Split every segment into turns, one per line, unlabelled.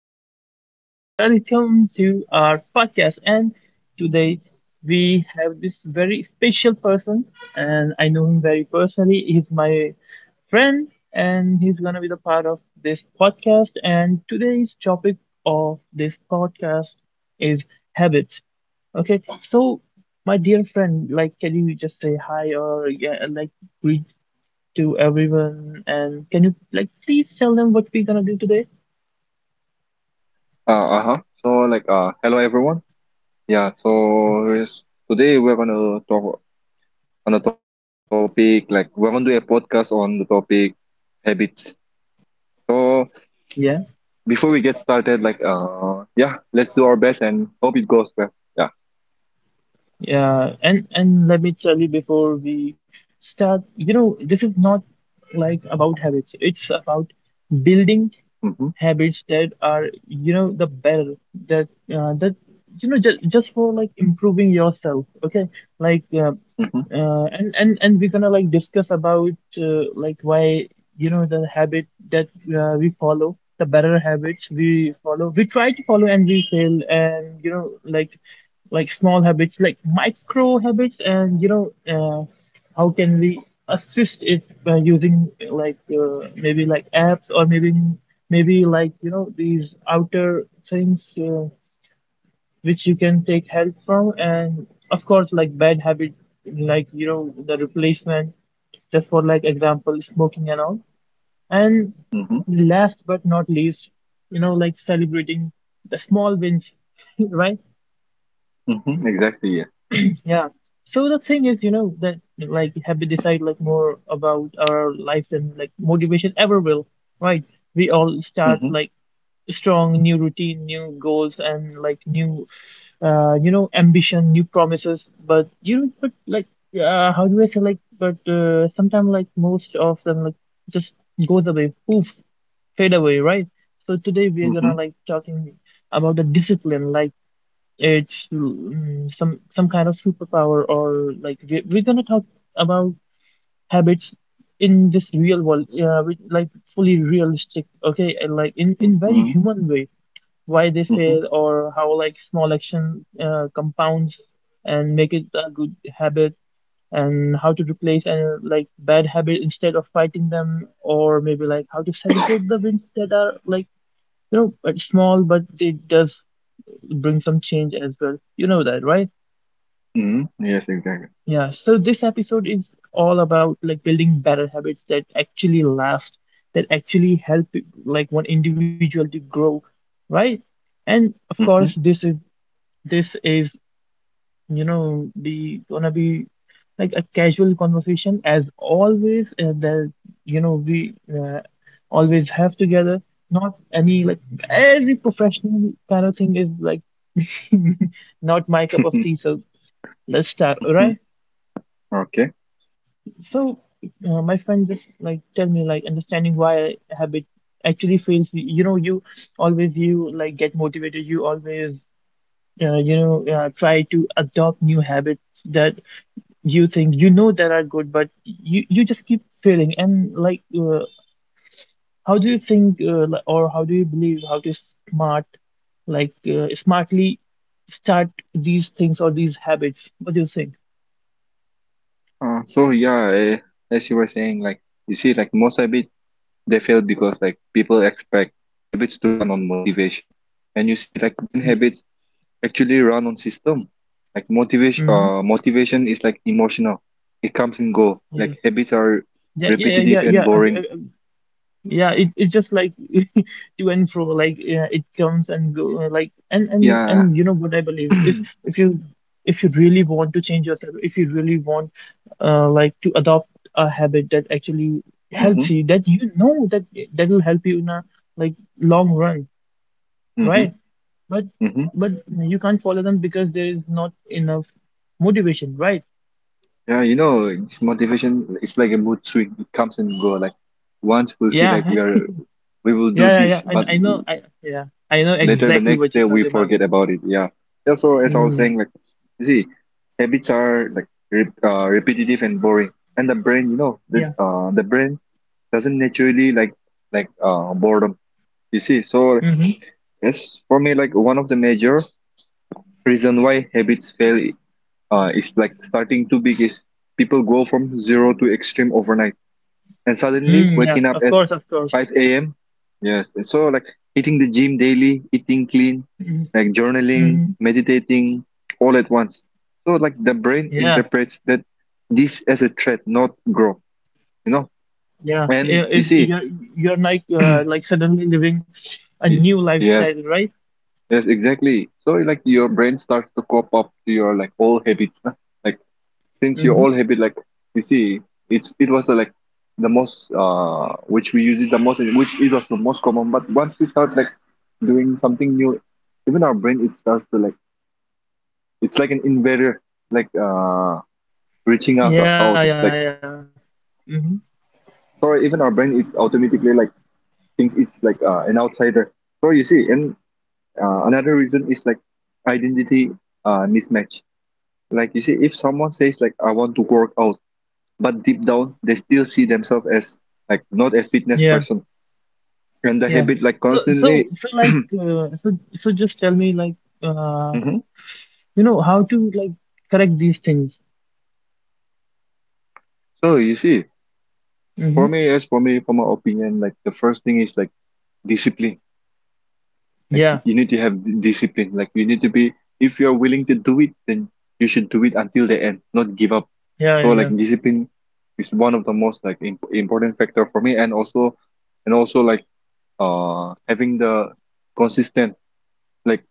everyone, and welcome to our podcast. And today we have this very special person, and I know him very personally. He's my friend, and he's gonna be the part of this podcast. And today's topic of this podcast is habits. Okay, so my dear friend, like, can you just say hi or yeah, like greet to everyone? And can you like please tell them what we're gonna do today?
Uh, uh-huh. So hello everyone. Yes, today we're gonna talk on a topic, like we're gonna do a podcast on the topic habits. So
Yeah.
before we get started, let's do our best and hope it goes well. Yeah.
Yeah, and let me tell you before we start, you know, this is not like about habits. It's about building
Mm-hmm.
habits that are, you know, the better that you know just for like improving yourself. Okay, like
Mm-hmm.
and we're gonna like discuss about like why you know the habit that we follow, the better habits we follow. We try to follow and we fail, and you know like small habits, like micro habits, and you know, how can we assist it by using maybe like apps or maybe like you know these outer things which you can take help from, and of course like bad habits, like you know the replacement, just for like example smoking and all, and
Mm-hmm.
last but not least, you know like celebrating the small wins, right?
Mm-hmm. Exactly, yeah.
Yeah. So the thing is, you know, that like have we decide like more about our lives than like motivation ever will, right? We all start
Mm-hmm.
like strong new routine, new goals, and like new, you know, ambition, new promises. But you know, but like, how do I say like? But Sometimes like most of them like just goes away, poof, fade away, right? So today we're
Mm-hmm.
gonna like talking about the discipline, like it's some kind of superpower or like we're gonna talk about habits in this real world, with, like fully realistic, okay, and like in very
Mm-hmm.
human way, why they
Mm-hmm.
fail or how like small action compounds and make it a good habit and how to replace and like bad habit instead of fighting them or maybe like how to celebrate the wins that are like you know but small but it does bring some change as well. You know that, right?
Mm-hmm. Yes, exactly.
Yeah, so this episode is all about like building better habits that actually last, that actually help like one individual to grow, right? And of course,
Mm-hmm.
this is you know the gonna be like a casual conversation as always that you know we always have together. Not any like every professional kind of thing is like not my cup of tea. So let's start, all
Mm-hmm.
right?
Okay.
So, my friend, just like tell me, like understanding why habit actually fails. You know, you like get motivated. You always, try to adopt new habits that you think you know that are good, but you just keep failing. And like, how do you think, or how do you believe how to smart, smartly start these things or these habits? What do you think?
So, as you were saying, like you see, like most habits, they fail because like people expect habits to run on motivation, and you see, like, when habits actually run on system. Like motivation,
Mm-hmm.
motivation is like emotional, it comes and go. Like
Yeah.
habits are
Yeah, yeah,
repetitive
yeah,
and
yeah.
boring.
yeah. Yeah, it, it's just like to and fro like yeah, it comes and go uh, like and and
Yeah.
and you know what I believe if
mm-hmm.
if you if you really want to change yourself if you really want like to adopt a habit that actually helps you that you know that will help you in a like long run
Mm-hmm.
right but
Mm-hmm.
but you can't follow them because there is not enough motivation right
Yeah, you know, this motivation, it's like a mood swing, it comes and go. Like once we feel like we
yeah
are, we will do
yeah yeah
this,
yeah
but
and I know I know
later the
exactly
next
what
day
you're
we
talking about
forget about it. Yeah. Yeah, so as I was
mm.
saying, like, you see, habits are like repetitive and boring. And the brain, you know, that the brain doesn't naturally like, like boredom. You see, so
yeah
it's for me like one of the major reason why habits fail, is like starting too big is people go from zero to extreme overnight and suddenly
Mm, yeah,
waking up
of
at
course, of course.
5 a.m. Yes. And so like hitting the gym daily, eating clean,
Hmm.
like journaling,
Hmm.
meditating, all at once. So like the brain
yeah,
interprets that this as a threat, not growth. You know.
yeah.
And
I-
you
If
see,
you're you're like suddenly living a
y-
new
yes,
lifestyle, right?
yes, exactly. So like your brain starts to cop up to your like old habits, like since you
Mm-hmm.
all have it like, you see, it's it was the, like the most, which we use it the most and which it was the most common. But once we start like doing something new, even our brain, it starts to like, it's like an invader, like reaching us
Yeah,
out
yeah,
like,
yeah. Mm-hmm.
sorry, even our brain, it automatically like thinks it's like an outsider. So you see, and another reason is like identity mismatch. Like, you see, if someone says like, I want to work out, but deep down they still see themselves as like not a fitness
Yeah,
person, and the
yeah.
habit like
So, so,
constantly.
so, like, uh, so, so, just tell me, like, uh,
Mhm.
you know, how to like correct these things.
So you see,
Mm-hmm.
for me, yes, for me, for my opinion, like the first thing is like discipline. Like
Yeah,
you need to have discipline, like you need to be, if you're willing to do it, then you should do it until the end, not give up.
yeah,
So
yeah,
like
yeah.
discipline is one of the most like important factor for me. And also, and also like having the consistent, like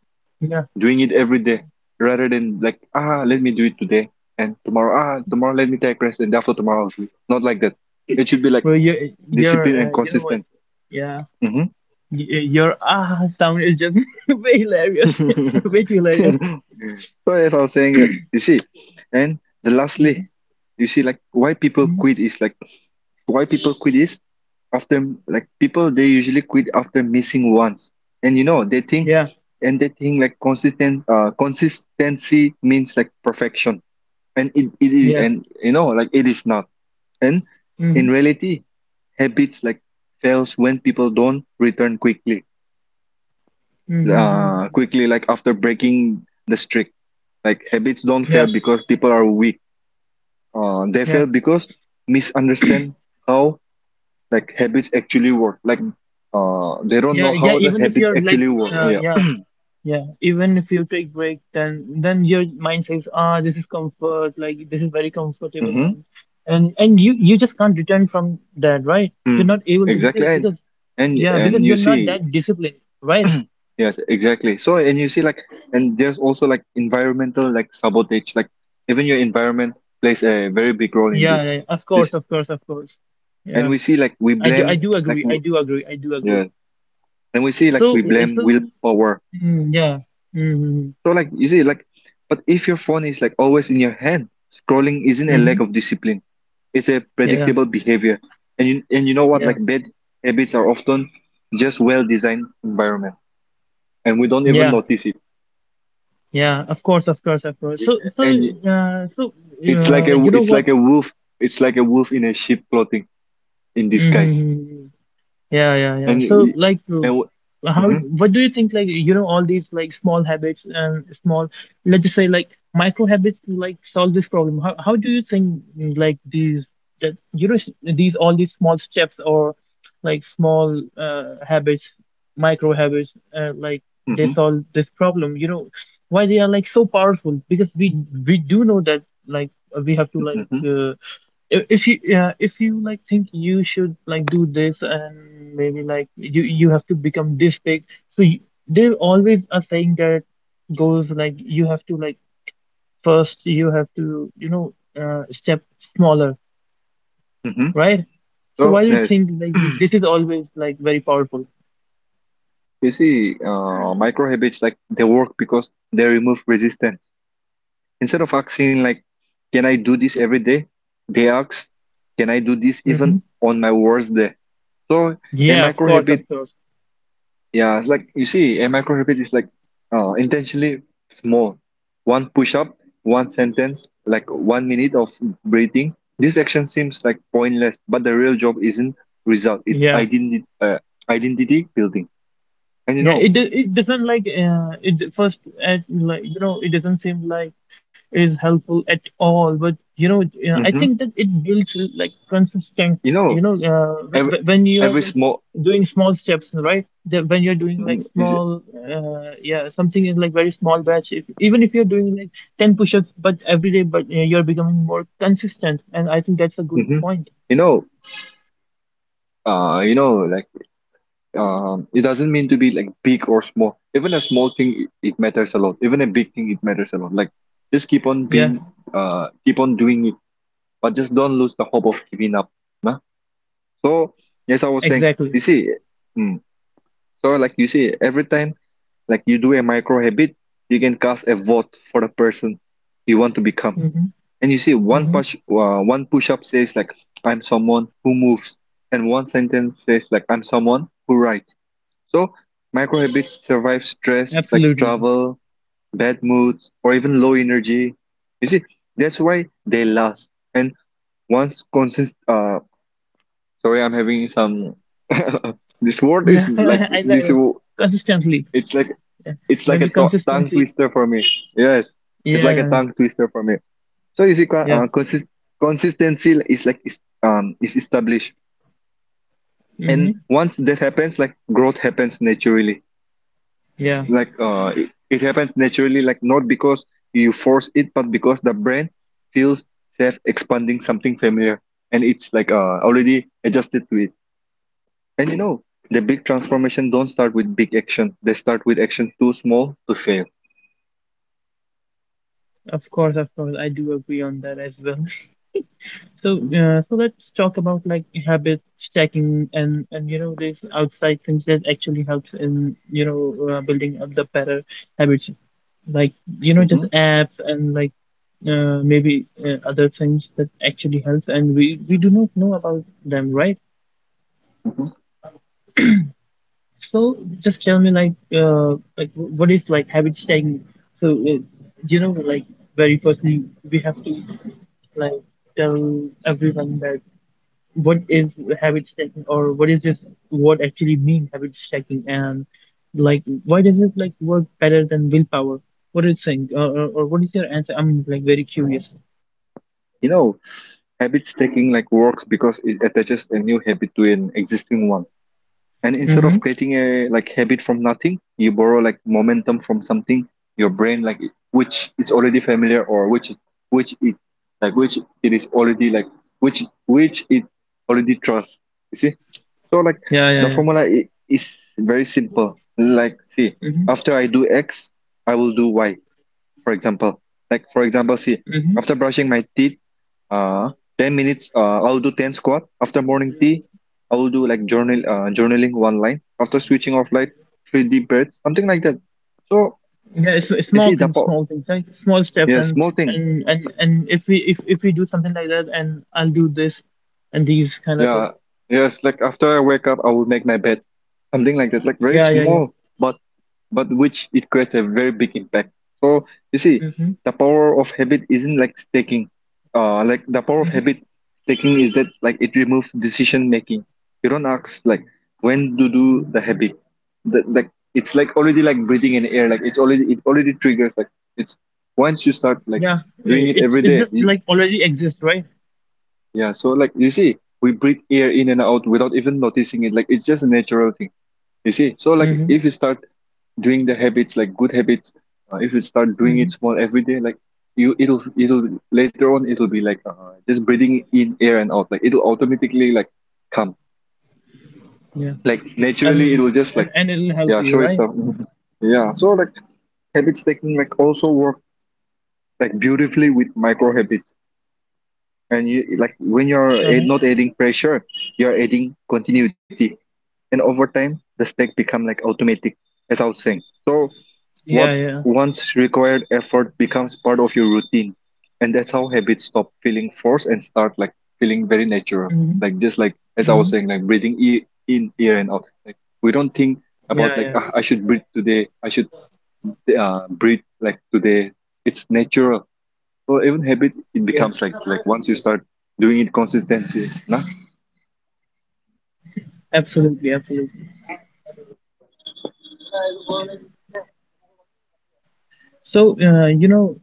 Yeah.
doing it every day, rather than like, ah, let me do it today, and tomorrow, ah tomorrow, let me take rest, and after tomorrow I'll do it. Not like that. It should be like
Well, your,
discipline and
you know what?
consistent.
Yeah,
Hmm.
Your ah sound is just way hilarious, way too hilarious.
so as I was saying, like, you see, and the
Mm-hmm.
lastly, you see, like why people
Mhm.
quit is like, why people quit is, after like people, they usually quit after missing once, and you know they think,
Yeah,
and they think like consistent, consistency means like perfection, and it is,
yeah.
and you know, like it is not. And in
Mm-hmm.
reality, habits like fails when people don't return quickly, uh
Mm-hmm.
quickly like after breaking the streak. Like habits don't
Yeah,
fail because people are weak, they
yeah,
fail because misunderstand how like habits actually work, like they don't
yeah,
know
yeah.
how the
Even if
habits
you're like,
actually work. Yeah.
yeah, yeah. Even if you take break, then your mind says, ah, this is comfort. Like this is very comfortable,
Mm-hmm.
and you you just can't return from that, right? You're
Mm-hmm.
not able to
Exactly. and
because
and
yeah, because
and you
you're not
see.
that disciplined, right?
Yes, exactly. So, and you see, like, and there's also like environmental, like sabotage, like even your environment plays a very big role in
Yeah,
this.
yeah, of
This,
course, of course, of course.
and
Yeah,
we see like we
I
blame,
do
like
agree. I do agree. I do
yeah,
agree.
and we see
So
like we
uh,
blame
so
willpower.
yeah. Mm-hmm.
So, like you see, like, but if your phone is like always in your hand, scrolling isn't a lack
Mm-hmm.
of discipline. It's a
Yeah.
predictable behavior. And you know what?
Yeah,
Like bad habits are often just well-designed environment, and we don't even
yeah,
notice it.
yeah. Of course, of course, of course.
Yeah. And
Uh, so,
it's like a,
you know
it's
what?
like a wolf. It's like a wolf in a sheep clothing in disguise.
Mhm. Yeah, yeah, yeah.
And
So,
we-
like,
and
how,
mm-hmm.
what do you think, like, you know, all these like small habits and small, let's just say, like, micro habits, like, solve this problem? How do you think, like, these, that, you know, these, all these small steps or like small habits, micro habits, like, they
hmm
solve this problem? You know, why they are like so powerful? Because we do know that, like, we have to, like,
hmm
if you yeah if you like think you should like do this and maybe like you have to become this big so you, they always are saying that goes like you have to like first you have to you know step smaller
hmm
right so
So
why do you
yes,
think like this is always like very powerful
you see, micro habits like they work because they remove resistance. Instead of asking like, "Can I do this every day?" they ask, "Can I do this even
hmm
on my worst day?" So a
yeah
micro
of
habit,
course
yeah, it's like, you see, a micro habit is like intentionally small. One push up, one sentence, like 1 minute of breathing. This action seems like pointless, but the real job isn't result. It's
yeah
identity, identity building. And you
Yeah,
know,
it do- it doesn't like it first at like you know it doesn't seem like it is helpful at all. But you know, I
hmm
think that it builds like consistent.
you
You
know,
know,
every
when you're
every
like
small.
doing small steps, right? That when you're doing like
Mhm, is
small, yeah, something in like very small batch. If, even if you're doing like ten push-ups, but every day, but you're becoming more consistent, and I think that's a good
hmm.
point.
You know, you know, like, um, it doesn't mean to be like big or small. Even a small thing, it matters a lot. Even a big thing, it matters a lot. Like just keep on
Yeah,
being, keep on doing it, but just don't lose the hope of giving up. Nah? So yes, I was saying,
exactly.
you see, mm, so like you see, every time like you do a micro habit, you can cast a vote for the person you want to become.
Mm-hmm,
And you see,
mm-hmm.
one push up says like, I'm someone who moves, and one sentence says like, I'm someone who writes. So, micro habits survive stress like
Absolutely.
travel, bad moods, or even low energy. You see, that's why they last. And once sorry, I'm having some. this word is
Yeah,
like
I
this.
like that. Consistently.
It's like,
Yeah.
it's like a
Maybe
tongue
consistency.
twister for me. Yes, it's like
Yeah,
a
yeah,
tongue twister for me. So you see,
yeah.
consistency is like is established, and
Mm-hmm.
once that happens, like growth happens naturally.
Yeah,
Like it, it happens naturally, like not because you force it, but because the brain feels safe expanding something familiar, and it's like already adjusted to it. And you know, the big transformation don't start with big action, they start with action too small to fail.
of course, of course. I do agree on that as well. So,
Hmm
so let's talk about like habit stacking and you know these outside things that actually helps in you know building up the better habits, like you know
hmm
just apps and like maybe other things that actually helps and we do not know about them, right? So just tell me like what is like habit stacking? So you know like very firstly we have to like tell everyone that what is habit stacking or what is this what actually mean habit stacking and like why does it like work better than willpower? What is saying or what is your answer? I'm like very curious.
you know, habits taking like works because it attaches a new habit to an existing one. And instead of
Mm-hmm.
creating a like habit from nothing, you borrow like momentum from something, your brain like which it's already familiar, or which it like which it is already like which it already trusts. You see? So like
Yeah,
the
yeah,
formula is very simple. Like, see,
yeah. Mm-hmm.
after I do X, I will do Y, for example. Like for example, see,
Mm-hmm.
after brushing my teeth, uh, 10 minutes, I'll do 10 squat. After morning tea, I will do like journal, journaling one line. After switching off light, three deep breaths, something like that. So
Yeah, it's
you see the po,
small things, like small steps,
yeah,
and
small thing.
and and and if we if we do something like that, and I'll do this, and these kind of
Yeah,
thing.
yes. Like after I wake up, I will make my bed, something like that. Like very
Yeah, yeah, yeah.
small, but which it creates a very big impact. So you see,
Mm-hmm.
the power of habit isn't like the power of
Mm-hmm.
habit taking is that like it removes decision making. You don't ask like when to do the habit. That like it's like already like breathing in air. Like it's already, it already triggers. Like it's, once you start like
Yeah,
doing it every
it's
day.
just like already exists, right?
Yeah. So like you see, we breathe air in and out without even noticing it. Like it's just a natural thing. You see. So like
Mm-hmm.
if you start doing the habits like good habits, if you start doing
Mm-hmm.
it small every day, like you, it'll later on, it'll be like just breathing in air and out. Like it'll automatically like come
Yeah,
like naturally,
and
it will just
and
like,
and it'll help
yeah,
you,
show
right?
itself. Mhm. Yeah, so like habits taking like also work like beautifully with micro habits. And you like when you're
Uh-huh.
not adding pressure, you're adding continuity, and over time the stack become like automatic, as I was saying. So.
Yeah,
What
yeah.
once required effort becomes part of your routine, and that's how habits stop feeling forced and start like feeling very natural.
Mm-hmm.
Like just like as I
Mm-hmm.
was saying, like breathing in, air and out. Like we don't think
Yeah,
about
yeah,
like,
yeah.
ah, I should breathe today. I should breathe like today. It's natural. So even habit, it
Yeah.
becomes like once you start doing it consistently. Nah?
Absolutely, absolutely. So, you know,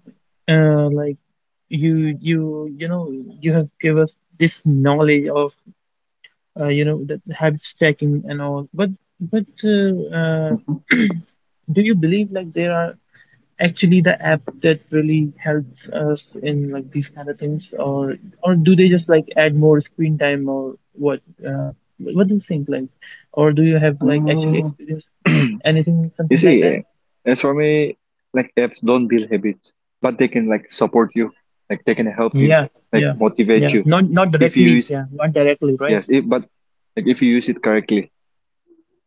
like you know you have give us this knowledge of you know the habits checking and all but but uh, uh, do you believe like there are actually the app that really helps us in like these kind of things or do they just like add more screen time or what uh, what do you think like or do you have like actually
Mm.
experienced anything
You
something like that
see, as for me, like apps don't build habits, but they can like support you, like they can help you,
yeah
like
yeah
motivate
yeah
you,
not not
if you
directly
use,
yeah not directly right
yes, if, but like if you use it correctly.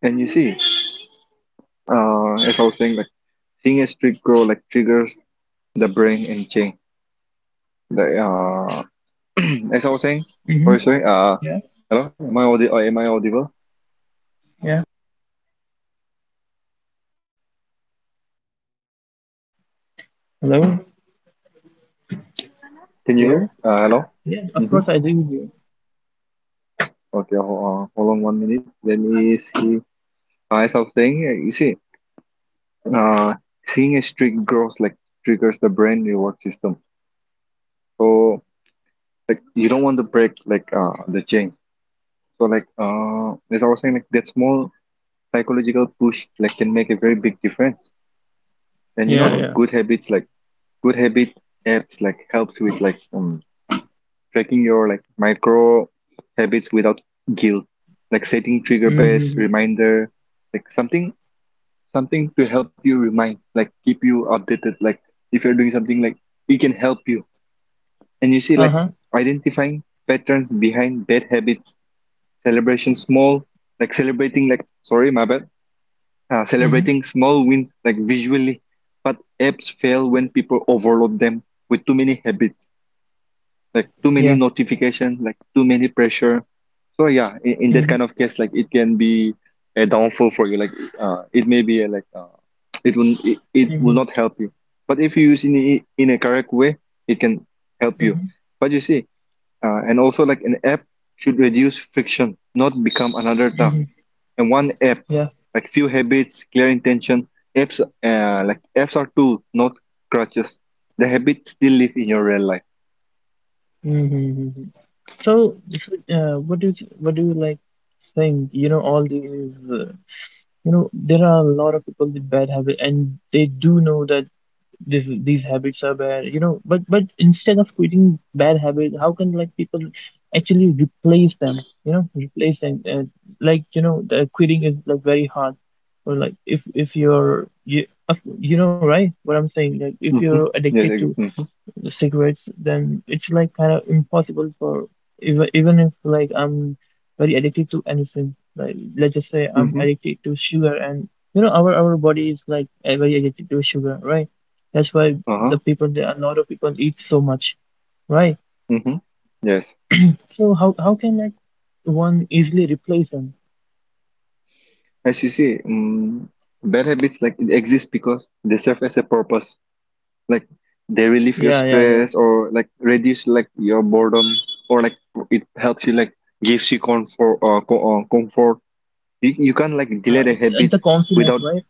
And you see, as I was saying, like seeing a streak grow like triggers the brain and change. Like as I was saying,
mm-hmm.
sorry, sorry.
yeah
Hello, am I am I audible?
yeah hello
Can you
hello
hear? Hello.
yeah of
Mm-hmm.
course I do yeah
Okay, hold on one minute. Let me see. As I was saying, you see. uh, Seeing a streak grows like triggers the brain reward system. So like you don't want to break like the chain. So like as I was saying like that small psychological push like can make a very big difference. And you
yeah
know
yeah
good habits like good habit apps like helps with like tracking your like micro habits without guilt. Like setting trigger
mm-hmm.
based reminder, like something to help you remind, like keep you updated. Like if you're doing something like it can help you. And you see,
Uh-huh.
like identifying patterns behind bad habits, celebration small, like celebrating, like, sorry, my bad,
Mm-hmm.
celebrating small wins, like visually. But apps fail when people overload them with too many habits, like too
Yeah.
many notifications, like too many pressure. So, yeah, in
Mm-hmm.
that kind of case, like it can be a downfall for you. Like, it may be a, like, it will it, it
Mm-hmm.
will not help you. But if you use in a correct way, it can help
Mm-hmm.
you. But you see, and also, like an app should reduce friction, not become another task.
Mm-hmm.
And one app,
Yeah.
like few habits, clear intention. Apps, like apps are tools, not crutches. The habits still live in your real life.
Mm-hmm. So, what do you like think? You know, all these. You know, there are a lot of people with bad habits, and they do know that this these habits are bad you know but instead of quitting bad habits how can like people actually replace them you know replace them like you know the quitting is like very hard or like if you're you of- you know right what I'm saying like if you're
Mm-hmm.
addicted to
Yes.
the cigarettes, then it's like kind of impossible for even even if like I'm very addicted to anything. Like let's just say I'm
Mm-hmm.
addicted to sugar, and you know our body is like very addicted to sugar, right? That's why the
Uh-huh.
people, there a lot of people eat so much, right?
Mm-hmm. Yes.
So how can like one easily replace them?
As you see, bad habits like it exists because they serve as a purpose. Like they relieve your
Yeah, yeah, yeah,
stress or like reduce like your boredom, or like it helps you like gives you comfort. You can't like
yeah.
delay the
It's
habit
the confidence,
without.
right?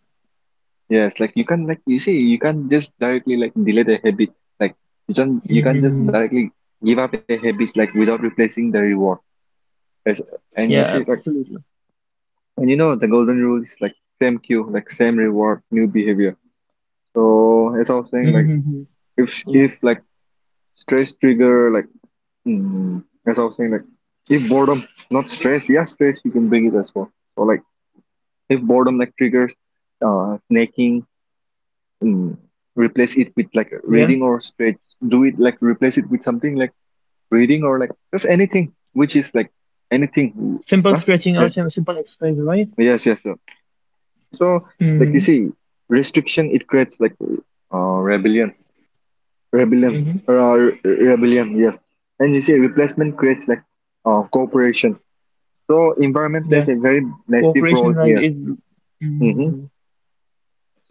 Yes, like you can, like you see, you can't just directly like delay the habit, like you can't just
Mm-hmm.
directly give up a habit like without replacing the reward. As, and you
Yeah,
see, like,
absolutely.
and you know, the golden rule is like same cue, like same reward, new behavior. So as I was saying, like
Mm-hmm. Yeah,
if like stress trigger, like as I was saying, like if boredom, not stress, yeah, stress you can bring it as well. So like if boredom like triggers snacking, mm, replace it with like
yeah.
reading or stretch. Do it, like replace it with something like reading or like just anything which is like anything.
Simple
Huh?
stretching or
Yeah.
simple exercise, right?
Yes, yes, sir. So
Mm-hmm.
like you see, restriction it creates like rebellion, rebellion,
Hmm.
uh, re- Yes, and you see replacement creates like cooperation. So environment
Yeah,
plays a very massive
cooperation
role
like is,
here. Hmm.
mm,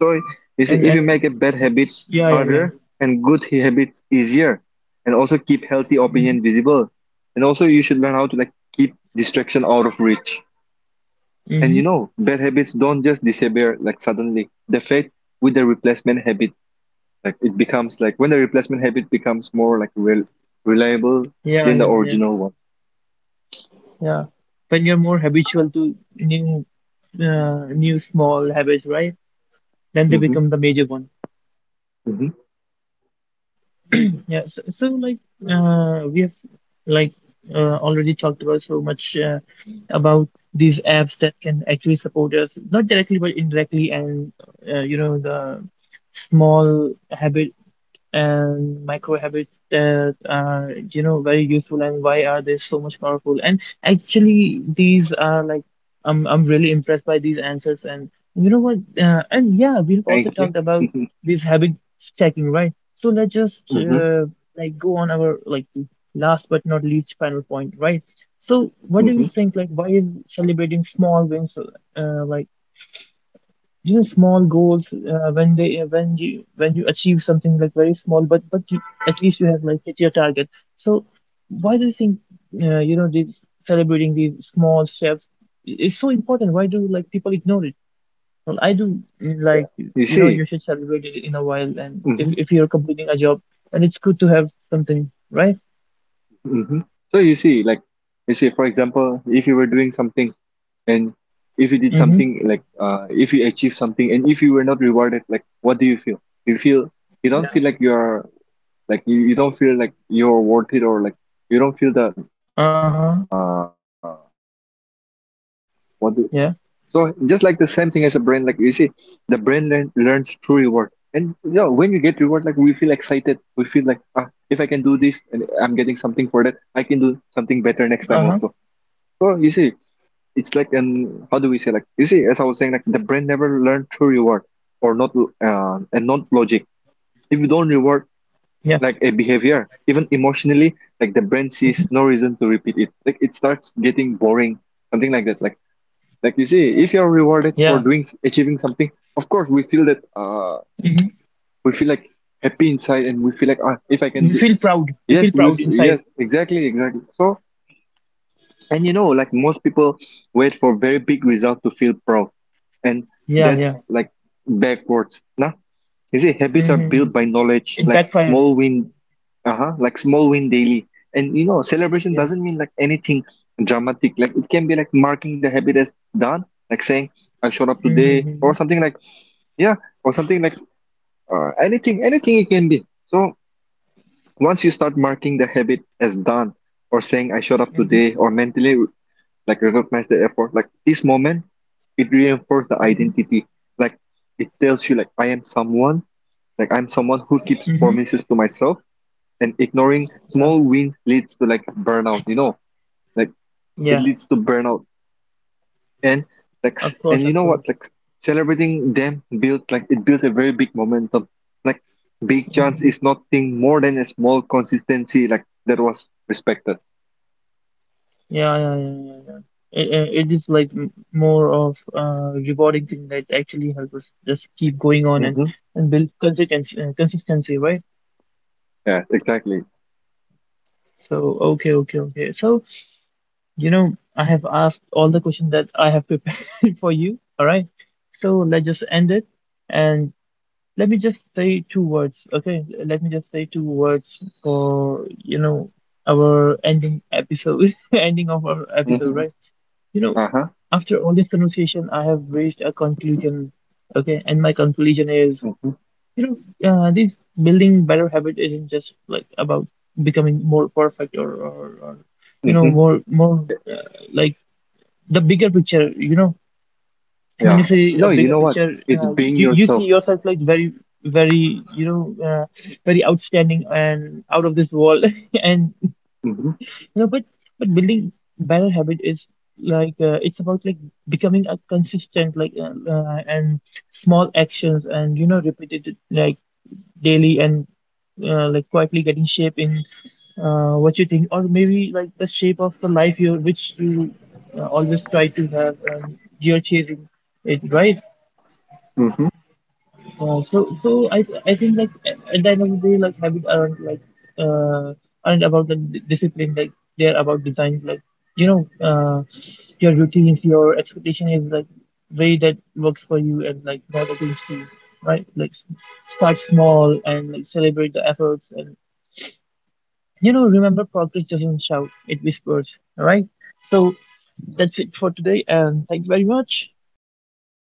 So you
and
see, if you make
and
a bad habit
yeah, yeah, yeah.
harder and good habits easier, and also keep healthy
Hmm.
opinion visible, and also you should learn how to like keep distraction out of reach. And you
Hmm.
know, bad habits don't just disappear like suddenly. They fade with the replacement habit. Like it becomes like, when the replacement habit becomes more like real, reliable
Yeah,
than
yeah,
the
yeah,
original one.
yeah. When you're more habitual to new, new small habits, right? Then they
Hmm.
become the major one.
Hmm.
Yeah. So like, we have like already talked about so much about these apps that can actually support us, not directly but indirectly, and you know the small habit and micro habits that are you know very useful and why are they so much powerful and actually these are like I'm really impressed by these answers and you know what and yeah we've also
Thank you.
talked about this habit stacking, right? So let's just
Hmm.
like go on our like last but not least final point, right? So what do
Hmm.
you think, like why is celebrating small wins, like these know small goals, when they when you achieve something like very small but at least you have like hit your target, so why do you think, you know, this celebrating these small steps is so important, why do like people ignore it? Well I do, like
You
you know
see.
you should celebrate it in a while, and if you're completing a job and it's good to have something, right?
Hmm. So you see, like, you see, for example, if you were doing something, and if you did
Mm-hmm.
something, like, if you achieve something and if you were not rewarded, like, what do you feel? You feel, you don't feel
Yeah.
like you're, like, you don't feel like you're worth it, or like, you don't feel the,
Uh-huh.
uh, what do,
Yeah.
so just like the same thing as a brain, like, you see, the brain learns through reward. And, you know, when you get reward, like, we feel excited. We feel like, ah, if I can do this and I'm getting something for that, I can do something better
Uh-huh.
next time also. Or you see, it's like an, how do we say, like, you see, as I was saying, like the brain never learned to reward or not, and not logic. If you don't
Yeah.
reward like a behavior, even emotionally,
Hmm.
like the brain sees no reason to repeat it. Like it starts getting boring, something like that. Like you
Yeah.
see, if you're rewarded for doing achieving something, of course we feel that,
Hmm.
we feel like happy inside, and we
we
feel like,
feel
ah, if I
proud
can
we
do.
feel proud inside.
Yes, yes, exactly, exactly. So and you know, like most people wait for very big result to feel proud. And
Yeah,
that's
yeah.
like backwards. Nah. You see, habits are
Mm-hmm.
built by knowledge,
It
like
backfires.
small win, uh-huh, like small win daily. And you know, celebration
Yeah.
doesn't mean like anything dramatic. Like it can be like marking the habit as done, like saying, I showed up today,
Mm-hmm.
or something like, yeah, or something like, anything it can be. So once you start marking the habit as done, or saying I showed up
Mm-hmm.
today, or mentally like recognize the effort, like this moment it reinforces the
Mm-hmm.
identity. Like it tells you, like I am someone, like I'm someone who keeps
Mm-hmm.
promises to myself. And ignoring
Yeah.
small wins leads to like burnout, like it
Yeah.
leads to burnout. And like
Of course.
and you
Of
know what,
course.
like celebrating them builds, like it builds a very big momentum. Like big chance
Mm-hmm.
is nothing more than a small consistency like that was respected.
Yeah. Yeah. Yeah. Yeah. Yeah. It, it is like more of rewarding thing that actually helps us just keep going on
Hmm.
and build consistency consistency, right?
Yeah, exactly.
So okay, okay, okay. So you know I have asked all the questions that I have prepared for you, all right? So let's just end it. And let me just say two words, okay? Let me just say two words for, you know, our ending episode, ending of our episode,
Hmm.
right? You know,
Uh-huh.
after all this conversation, I have reached a conclusion, okay? And my conclusion is, you know, this building better habit isn't just like about becoming more perfect or you know,
Hmm.
more like the bigger picture, you know, when you
Yeah.
see a
No, you
bigger
know what?
picture,
It's being
you see
yourself.
yourself like very, very, you know, very outstanding and out of this world. And you
Hmm.
know, but building better habit is like it's about like becoming a consistent like and small actions, and you know repeated like daily, and like quietly getting shape in what you think, or maybe like the shape of the life you which you always try to have and you're chasing it, right?
Hmm.
So I think like at the end of the day like habits aren't like uh aren't about the discipline, like they're about design, like you know uh your routines, your expectation is like way that works for you and like not against you, right? Start small and like celebrate the efforts, and you know remember progress doesn't shout, it whispers. All right, so that's it for today, and thanks very much.
Uh-huh.